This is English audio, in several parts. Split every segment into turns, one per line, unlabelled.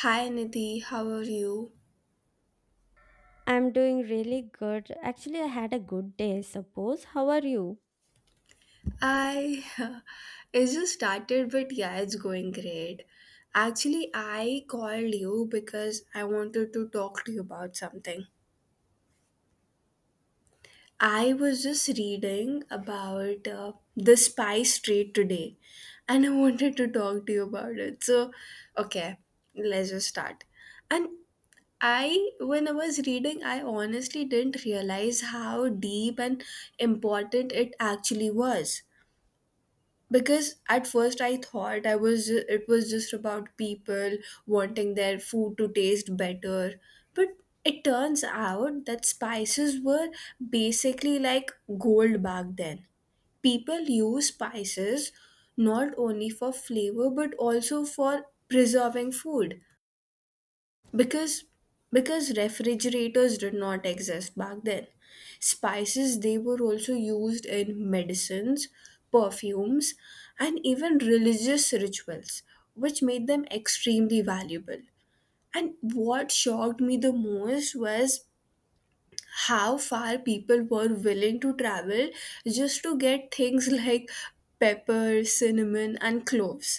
Hi Nidhi, how are you?
I'm doing really good. Actually, I had a good day, I suppose. How are you?
I it just started, but yeah, it's going great. Actually, I called you because I wanted to talk to you about something. I was just reading about the spice trade today, and I wanted to talk to you about it. So, okay, let's just start. And I, when I was reading, I honestly didn't realize how deep and important it actually was because at first I thought it was just about people wanting their food to taste better, but it turns out that spices were basically like gold back then. People use spices not only for flavor but also for preserving food, because because refrigerators did not exist back then. Spices, they were also used in medicines, perfumes, and even religious rituals, which made them extremely valuable. And what shocked me the most was how far people were willing to travel just to get things like pepper, cinnamon, and cloves.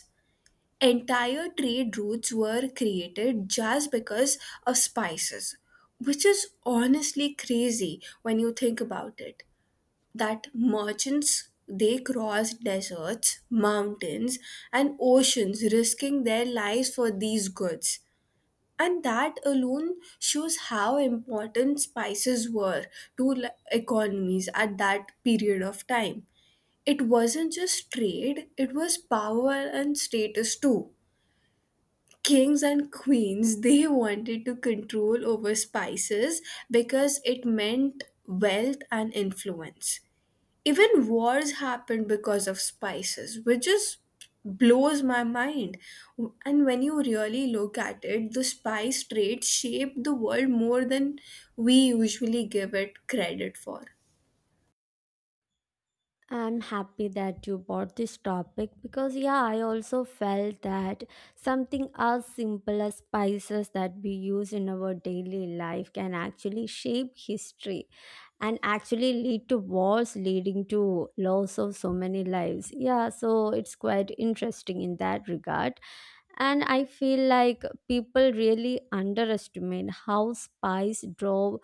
Entire trade routes were created just because of spices, which is honestly crazy when you think about it. That merchants, they crossed deserts, mountains, and oceans, risking their lives for these goods. And that alone shows how important spices were to economies at that period of time. It wasn't just trade, it was power and status too. Kings and queens, they wanted to control over spices because it meant wealth and influence. Even wars happened because of spices, which just blows my mind. And when you really look at it, the spice trade shaped the world more than we usually give it credit for.
I'm happy that you brought this topic because, yeah, I also felt that something as simple as spices that we use in our daily life can actually shape history and actually lead to wars, leading to loss of so many lives. Yeah, so it's quite interesting in that regard. And I feel like people really underestimate how spice drove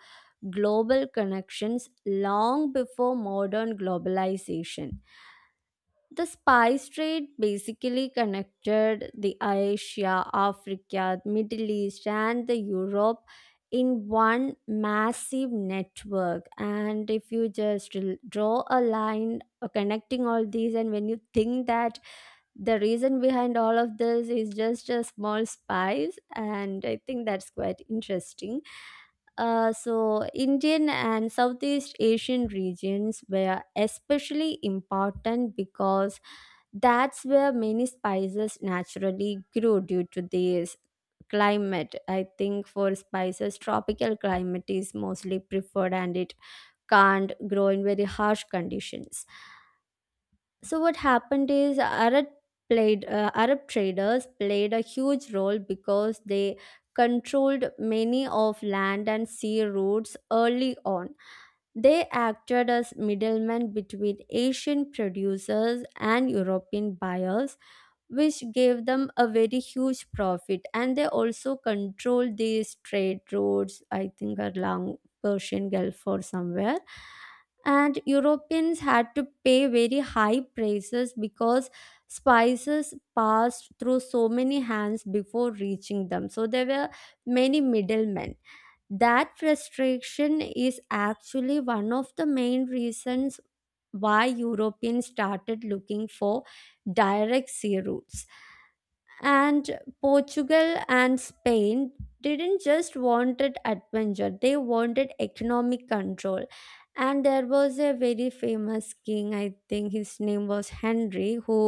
global connections long before modern globalization. The spice trade basically connected the Asia, Africa, Middle East, and the Europe in one massive network. And if you just draw a line connecting all these, and when you think that the reason behind all of this is just a small spice, and I think that's quite interesting. So Indian and Southeast Asian regions were especially important because that's where many spices naturally grew due to this climate. I think for spices, tropical climate is mostly preferred and it can't grow in very harsh conditions. So what happened is Arab traders played a huge role because they controlled many of land and sea routes early on. They acted as middlemen between Asian producers and European buyers, which gave them a very huge profit, and they also controlled these trade routes. I think along Persian Gulf or somewhere. And Europeans had to pay very high prices because spices passed through so many hands before reaching them, so there were many middlemen. That restriction is actually one of the main reasons why Europeans started looking for direct sea routes. And Portugal and Spain didn't just wanted adventure, they wanted economic control. And there was a very famous king, I think his name was Henry, who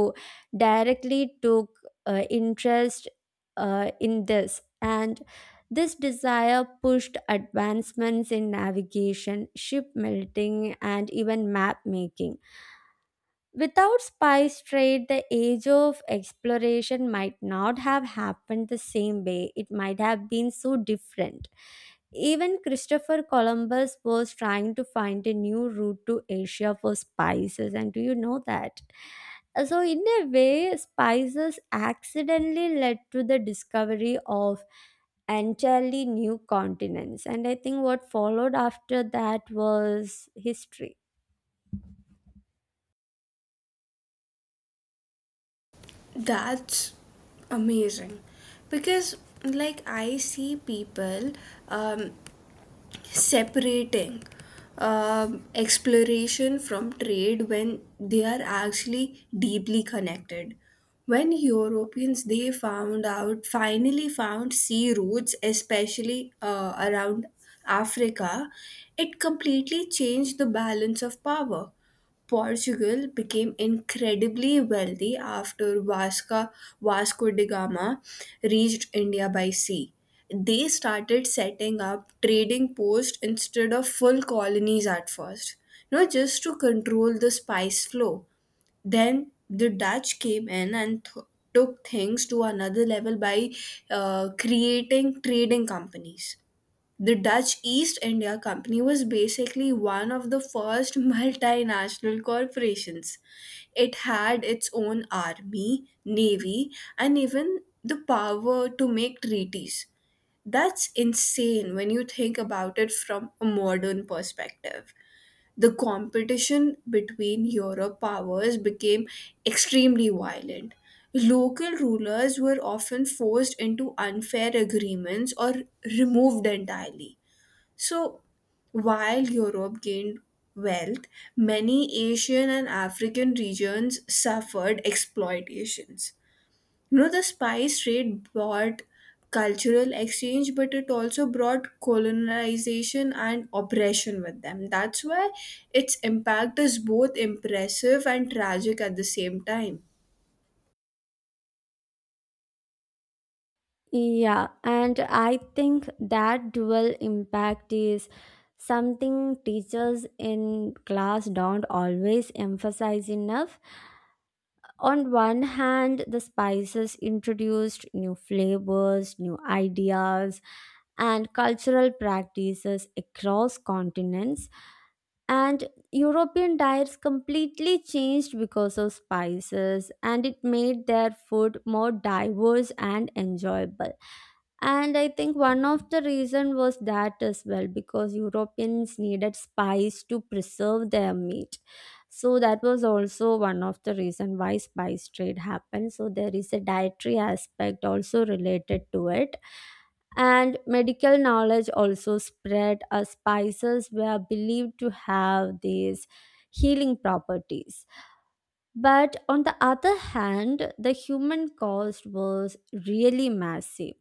directly took interest in this. And this desire pushed advancements in navigation, ship melting, and even map making. Without spice trade, the age of exploration might not have happened the same way. It might have been so different. Even Christopher Columbus was trying to find a new route to Asia for spices, and do you know that? So, in a way, spices accidentally led to the discovery of entirely new continents, and I think what followed after that was history.
That's amazing because like I see people, um, separating, exploration from trade, when they are actually deeply connected. When europeans they found out finally found sea routes, especially around Africa, it completely changed the balance of power. Portugal became incredibly wealthy after Vasco da Gama reached India by sea. They started setting up trading posts instead of full colonies at first, you know, just to control the spice flow. Then the Dutch came in and took things to another level by creating trading companies. The Dutch East India Company was basically one of the first multinational corporations. It had its own army, navy, and even the power to make treaties. That's insane when you think about it from a modern perspective. The competition between Europe powers became extremely violent. Local rulers were often forced into unfair agreements or removed entirely. So, while Europe gained wealth, many Asian and African regions suffered exploitations. You know, the spice trade brought cultural exchange, but it also brought colonization and oppression with them. That's why its impact is both impressive and tragic at the same time.
Yeah, and I think that dual impact is something teachers in class don't always emphasize enough. On one hand, the spices introduced new flavors, new ideas, and cultural practices across continents, and European diets completely changed because of spices, and it made their food more diverse and enjoyable. And I think one of the reason was that as well, because Europeans needed spice to preserve their meat, so that was also one of the reason why spice trade happened. So there is a dietary aspect also related to it. And medical knowledge also spread as spices were believed to have these healing properties. But on the other hand, the human cost was really massive.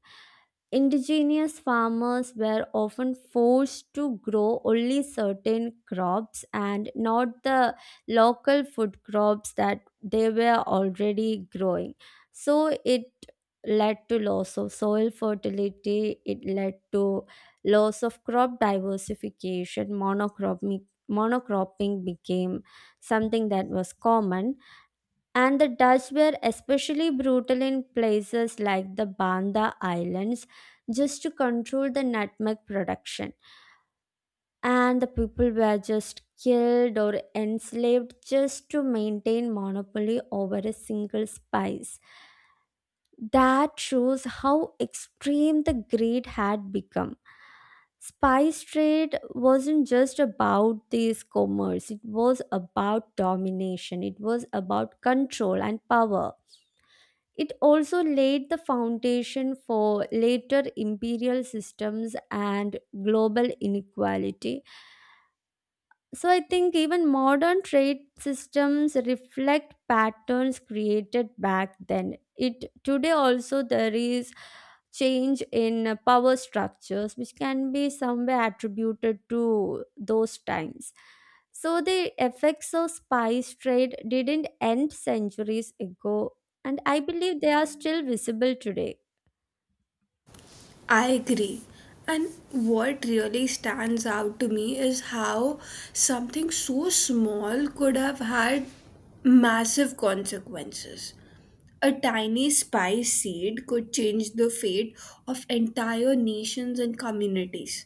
Indigenous farmers were often forced to grow only certain crops and not the local food crops that they were already growing. So it led to loss of soil fertility, it led to loss of crop diversification, monocropping. Monocropping became something that was common. And the Dutch were especially brutal in places like the Banda Islands just to control the nutmeg production. And the people were just killed or enslaved just to maintain monopoly over a single spice. That shows how extreme the greed had become. Spice trade wasn't just about this commerce, it was about domination, it was about control and power. It also laid the foundation for later imperial systems and global inequality. So I think even modern trade systems reflect patterns created back then. It today also there is change in power structures which can be somewhere attributed to those times. So the effects of spice trade didn't end centuries ago, and I believe they are still visible today.
I agree. And what really stands out to me is how something so small could have had massive consequences. A tiny spice seed could change the fate of entire nations and communities.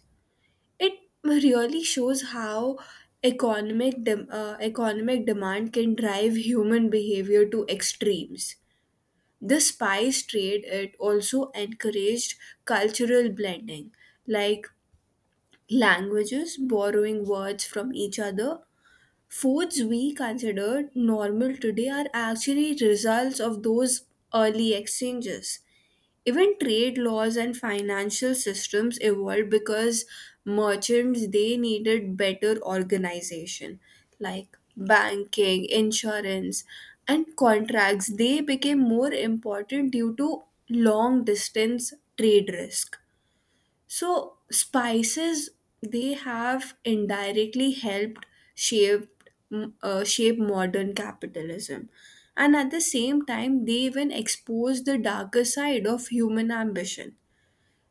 It really shows how economic demand can drive human behavior to extremes. The spice trade, it also encouraged cultural blending, like languages borrowing words from each other. Foods we consider normal today are actually results of those early exchanges. Even trade laws and financial systems evolved because merchants, they needed better organization, like banking, insurance, and contracts, they became more important due to long distance trade risk. So spices, they have indirectly helped shape, shape modern capitalism, and at the same time they even expose the darker side of human ambition.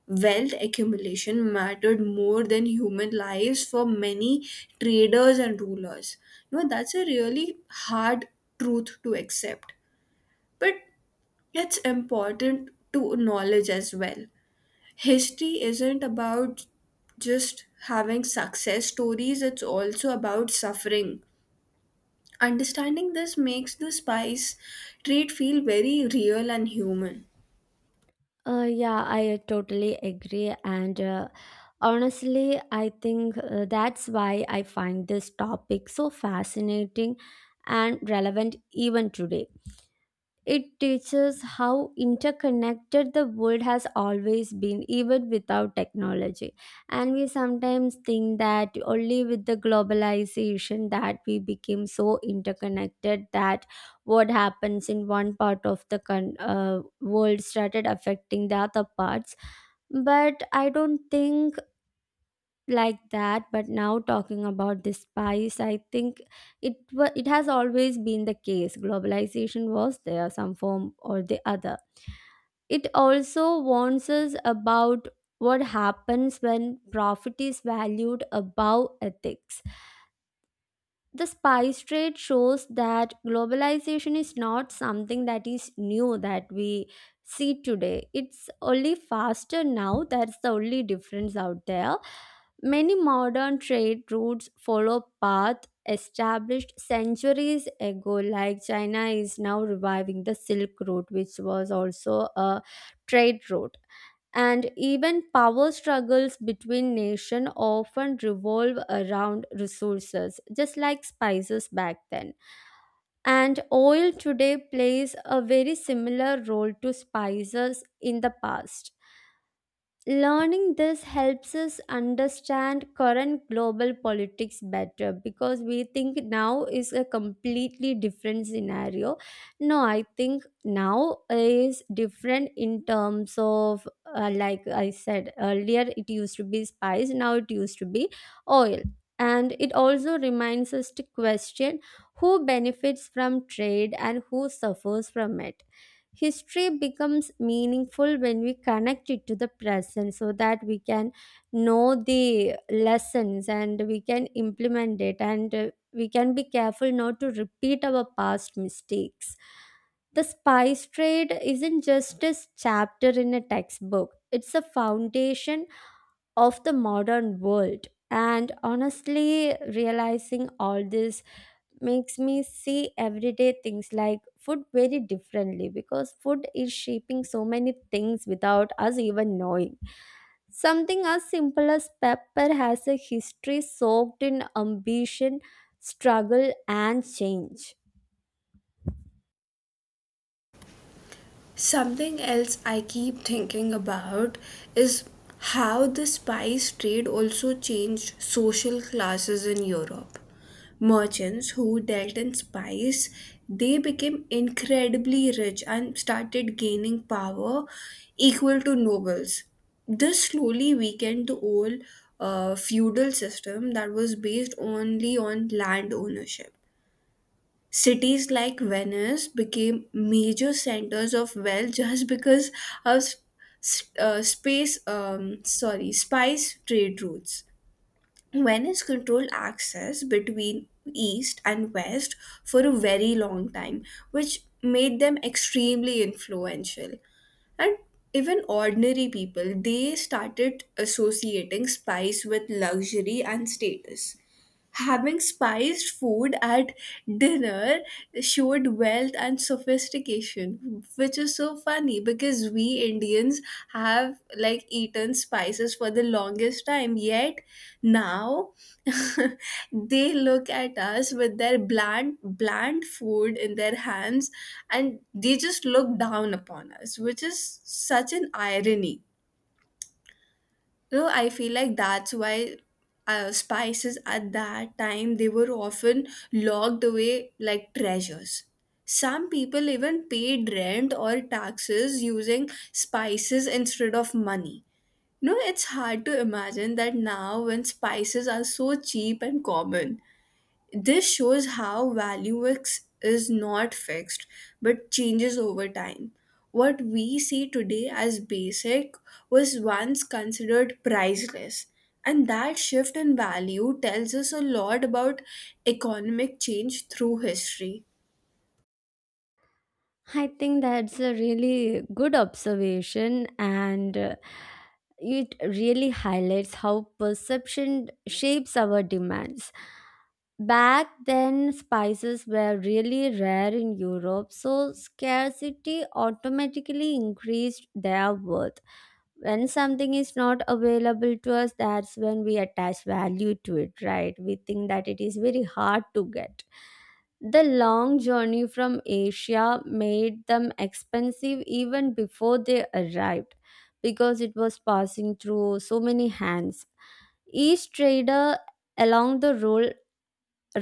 Wealth accumulation mattered more than human lives for many traders and rulers. You know, that's a really hard truth to accept, but it's important to acknowledge as well. History isn't about just having success stories, it's also about suffering. Understanding this makes the spice trade feel very real and human.
Yeah, I totally agree. And honestly, I think that's why I find this topic so fascinating and relevant even today. It teaches how interconnected the world has always been, even without technology. And we sometimes think that only with the globalization that we became so interconnected that what happens in one part of the world started affecting the other parts. But I don't think like that. But now talking about the spice, I think it has always been the case. Globalization was there some form or the other. It also warns us about what happens when profit is valued above ethics. The spice trade shows that globalization is not something that is new that we see today. It's only faster now, that's the only difference out there. Many modern trade routes follow paths established centuries ago, like China is now reviving the Silk Route, which was also a trade route. And even power struggles between nations often revolve around resources, just like spices back then. And oil today plays a very similar role to spices in the past. Learning this helps us understand current global politics better because we think now is a completely different scenario. No, I think now is different in terms of, like I said earlier, it used to be spice, now it used to be oil. And it also reminds us to question who benefits from trade and who suffers from it. History becomes meaningful when we connect it to the present so that we can know the lessons and we can implement it, and we can be careful not to repeat our past mistakes. The spice trade isn't just a chapter in a textbook, it's a foundation of the modern world. And honestly, realizing all this makes me see everyday things like food very differently, because food is shaping so many things without us even knowing. Something as simple as pepper has a history soaked in ambition, struggle, and change.
Something else I keep thinking about is how the spice trade also changed social classes in Europe. Merchants who dealt in spice, they became incredibly rich and started gaining power equal to nobles. This slowly weakened the old feudal system that was based only on land ownership. Cities like Venice became major centers of wealth just because of spice trade routes. Venice controlled access between East and West for a very long time, which made them extremely influential. And even ordinary people, they started associating spice with luxury and status. Having spiced food at dinner showed wealth and sophistication, which is so funny because we Indians have like eaten spices for the longest time, yet now they look at us with their bland food in their hands, and they just look down upon us, which is such an irony. No, I feel like that's why spices at that time, they were often locked away like treasures. Some people even paid rent or taxes using spices instead of money. No, it's hard to imagine that now when spices are so cheap and common. This shows how value is not fixed but changes over time. What we see today as basic was once considered priceless, and that shift in value tells us a lot about economic change through history.
I think that's a really good observation, and it really highlights how perception shapes our demands. Back then, spices were really rare in Europe, so scarcity automatically increased their worth. When something is not available to us, that's when we attach value to it, right? We think that it is very hard to get. The long journey from Asia made them expensive even before they arrived, because it was passing through so many hands. Each trader along the road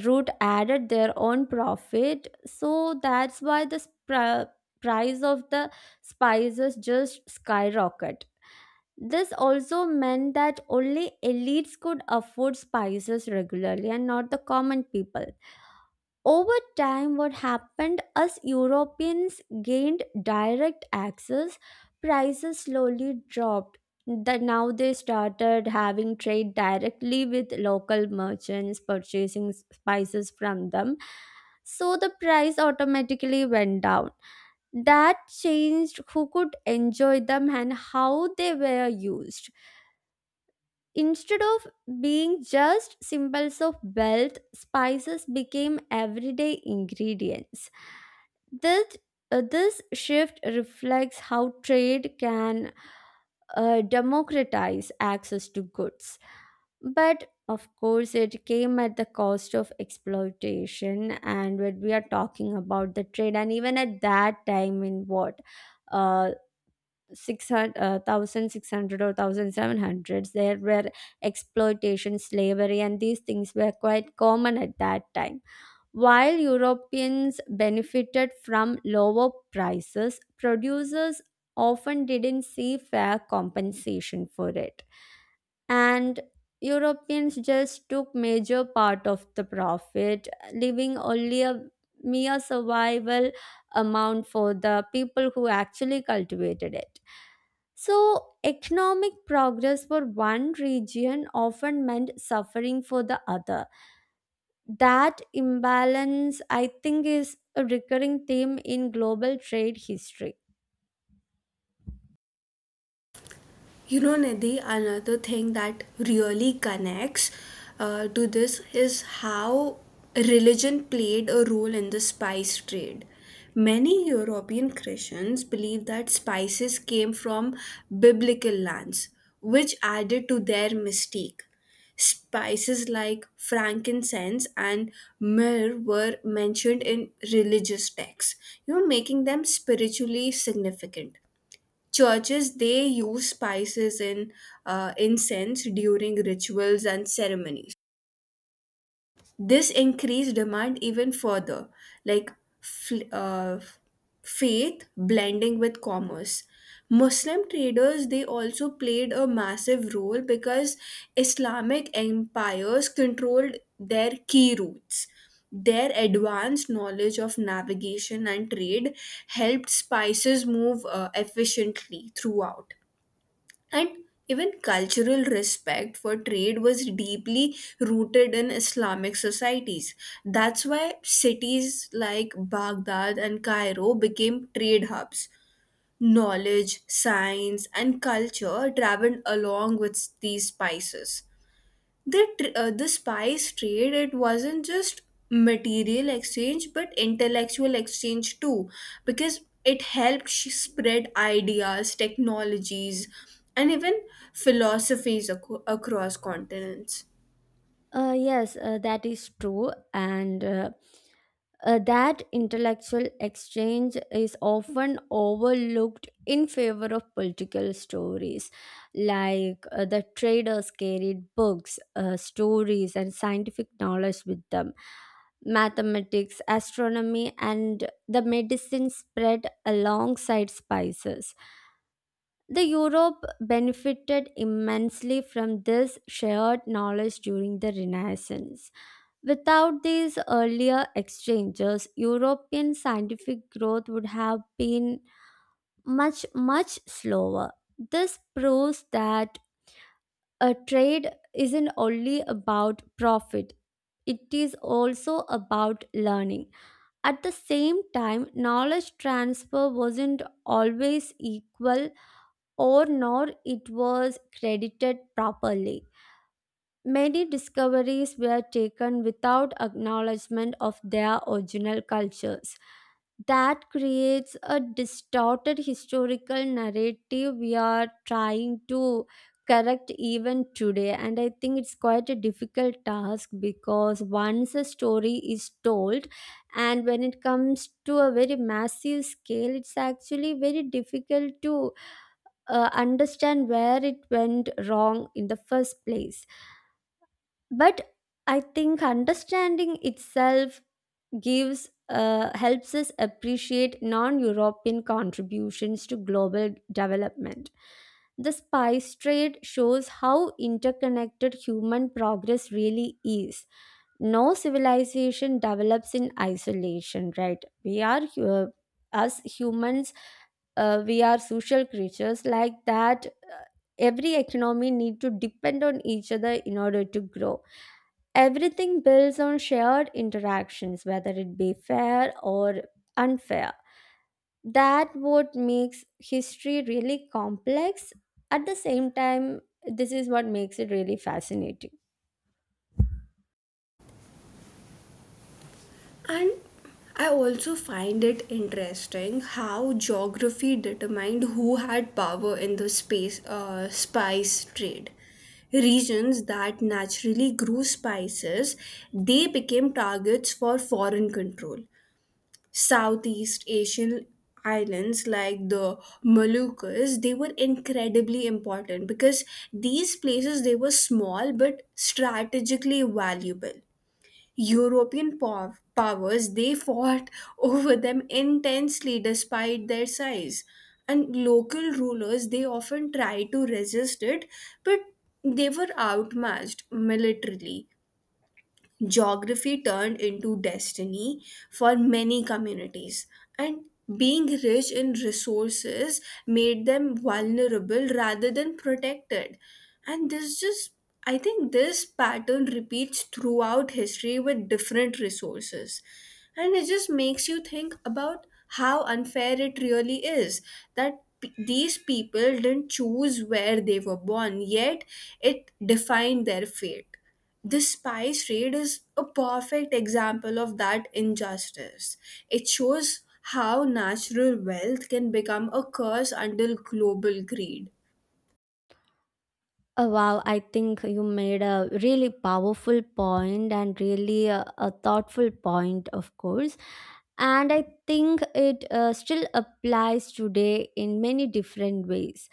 route added their own profit, so that's why the price of the spices just skyrocket. This also meant that only elites could afford spices regularly and not the common people. Over time, what happened as Europeans gained direct access, prices slowly dropped. Now they started having trade directly with local merchants, purchasing spices from them. So the price automatically went down. That changed who could enjoy them and how they were used. Instead of being just symbols of wealth, spices became everyday ingredients. That This shift reflects how trade can democratize access to goods. But of course, it came at the cost of exploitation. And when we are talking about the trade, and even at that time, in what? Uh, six hundred 1600 or 1700s, there were exploitation, slavery, and these things were quite common at that time. While Europeans benefited from lower prices, producers often didn't see fair compensation for it. And Europeans just took major part of the profit, leaving only a mere survival amount for the people who actually cultivated it. So, economic progress for one region often meant suffering for the other. That imbalance, I think, is a recurring theme in global trade history.
You know, Nidhi, another thing that really connects to this is how religion played a role in the spice trade. Many European Christians believed that spices came from biblical lands, which added to their mystique. Spices like frankincense and myrrh were mentioned in religious texts, you know, making them spiritually significant. Churches, they use spices and incense during rituals and ceremonies. This increased demand even further, like fl- uh, faith blending with commerce. Muslim traders, they also played a massive role because Islamic empires controlled their key routes. Their advanced knowledge of navigation and trade helped spices move efficiently throughout. And even cultural respect for trade was deeply rooted in Islamic societies. That's why cities like Baghdad and Cairo became trade hubs. Knowledge, science, and culture traveled along with these spices. The spice trade, it wasn't just material exchange but intellectual exchange too, because it helped spread ideas, technologies, and even philosophies across continents.
Yes, that is true. And that intellectual exchange is often overlooked in favor of political stories, like the traders carried books, stories, and scientific knowledge with them. Mathematics, astronomy, and the medicine spread alongside spices. The Europe benefited immensely from this shared knowledge during the Renaissance. Without these earlier exchanges, European scientific growth would have been much, much slower. This proves that a trade isn't only about profit, it is also about learning. At the same time, knowledge transfer wasn't always equal or nor it was credited properly. Many discoveries were taken without acknowledgement of their original cultures. That creates a distorted historical narrative we are trying to correct even today. And I think it's quite a difficult task because once a story is told, and when it comes to a very massive scale, it's actually very difficult to understand where it went wrong in the first place. But I think understanding itself gives helps us appreciate non-European contributions to global development. The spice trade shows how interconnected human progress really is. No civilization develops in isolation, right? We are as humans, we are social creatures like that. Every economy need to depend on each other in order to grow. Everything builds on shared interactions, whether it be fair or unfair. That what makes history really complex. At the same time, this is what makes it really fascinating.
And I also find it interesting how geography determined who had power in the space spice trade. Regions that naturally grew spices, they became targets for foreign control. Southeast Asian islands like the Moluccas, they were incredibly important because these places, they were small but strategically valuable. European powers, they fought over them intensely despite their size. And local rulers, they often tried to resist it, but they were outmatched militarily. Geography turned into destiny for many communities, and being rich in resources made them vulnerable rather than protected. And this just, I think this pattern repeats throughout history with different resources, and it just makes you think about how unfair it really is, that these people didn't choose where they were born, yet it defined their fate. The spice trade is a perfect example of that injustice. It shows how natural wealth can become a curse under global greed.
Wow, I think you made a really powerful point and really a thoughtful point, of course. And I think it still applies today in many different ways.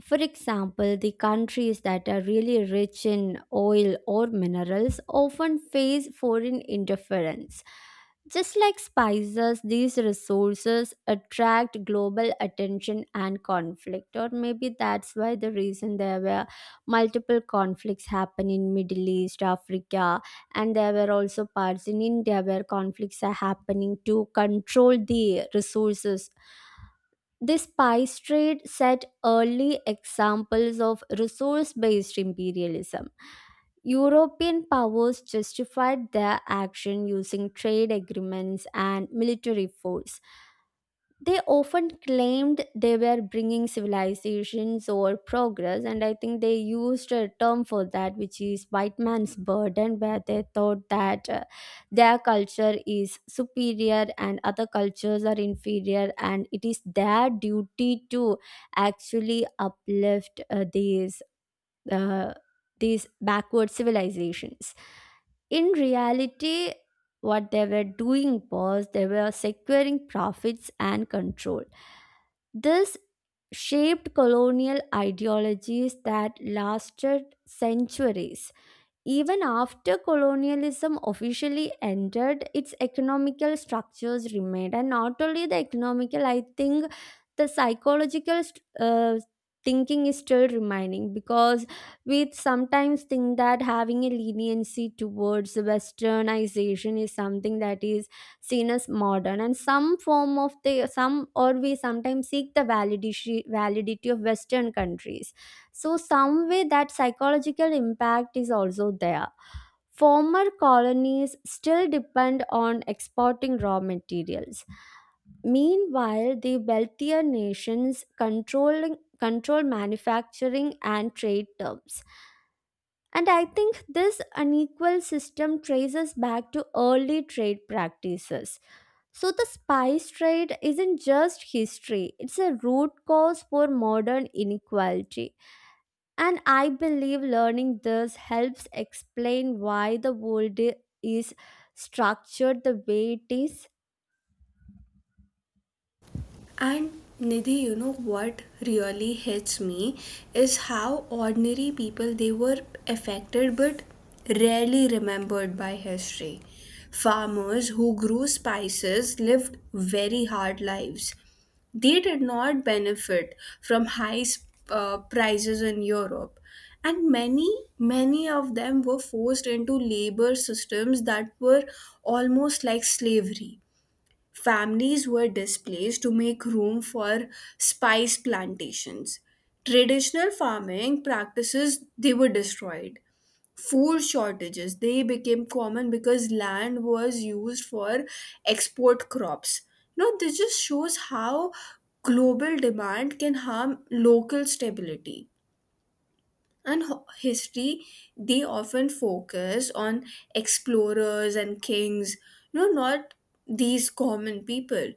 For example, the countries that are really rich in oil or minerals often face foreign interference. Just like spices, these resources attract global attention and conflict. Or maybe that's why the reason there were multiple conflicts happen in Middle East, Africa, and there were also parts in India where conflicts are happening to control the resources. The spice trade set early examples of resource based imperialism. European powers justified their action using trade agreements and military force. They often claimed they were bringing civilizations or progress, and I think they used a term for that, which is white man's burden, where they thought that their culture is superior and other cultures are inferior and it is their duty to actually uplift uh, these backward civilizations. In reality, what they were doing was they were securing profits and control. This shaped colonial ideologies that lasted centuries. Even after colonialism officially ended, its economical structures remained. And not only the economical, I think the thinking is still remaining, because we sometimes think that having a leniency towards westernization is something that is seen as modern and some form of the some, or we sometimes seek the validity of western countries. So, some way that psychological impact is also there. Former colonies still depend on exporting raw materials. Meanwhile, the wealthier nations control manufacturing and trade terms. And I think this unequal system traces back to early trade practices. So the spice trade isn't just history, it's a root cause for modern inequality. And I believe learning this helps explain why the is structured the way it is.
And Nidhi, you know what really hits me is how ordinary people, they were affected but rarely remembered by history. Farmers who grew spices lived very hard lives. They did not benefit from high prices in Europe. And many of them were forced into labor systems that were almost like slavery. Families were displaced to make room for spice plantations. Traditional farming practices, they were destroyed. Food shortages, they became common because land was used for export crops. Now this just shows how global demand can harm local stability. And history, they often focus on explorers and kings, no, not these common people,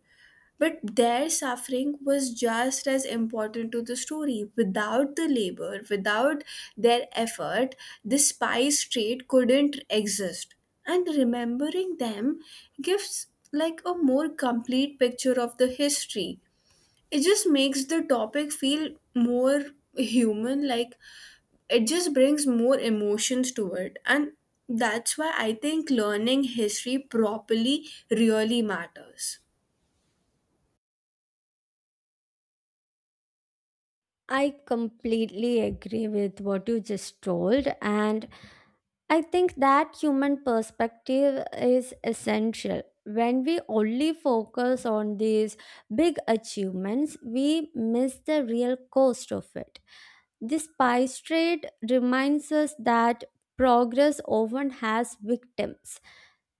but their suffering was just as important to the story. Without the labor, without their effort, the spice trade couldn't exist. And remembering them gives like a more complete picture of the history. It just makes the topic feel more human, like it just brings more emotions to it. And that's why I think learning history properly really matters.
I completely agree with what you just told, and I think that human perspective is essential. When we only focus on these big achievements, we miss the real cost of it. This spice trade reminds us that progress often has victims.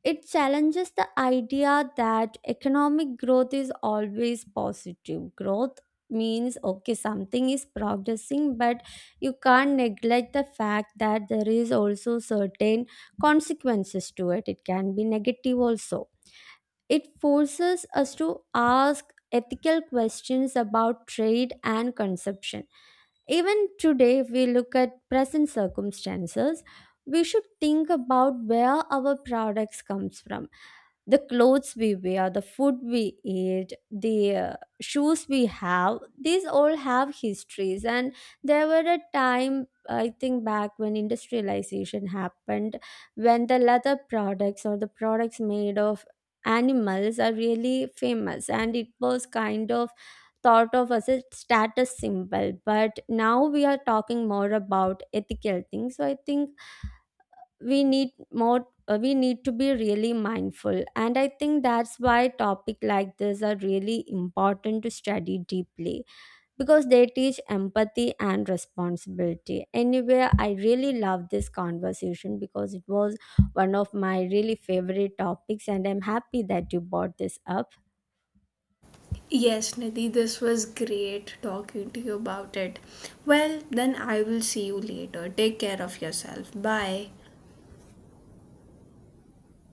It challenges the idea that economic growth is always positive. Growth means okay, something is progressing, but you can't neglect the fact that there is also certain consequences to it. It can be negative also. It forces us to ask ethical questions about trade and consumption. Even today, if we look at present circumstances, we should think about where our products comes from. The clothes we wear, the food we eat, the shoes we have, these all have histories. And there were a time, I think, back when industrialization happened, when the leather products or the products made of animals are really famous, and it was kind of thought of as a status symbol. But now we are talking more about ethical things, so I think we need more we need to be really mindful. And I think that's why topic like this are really important to study deeply, because they teach empathy and responsibility. Anyway, I really love this conversation because it was one of my really favorite topics, and I'm happy that you brought this up.
Yes, Nidhi, this was great talking to you about it. Well, then I will see you later. Take care of yourself. Bye.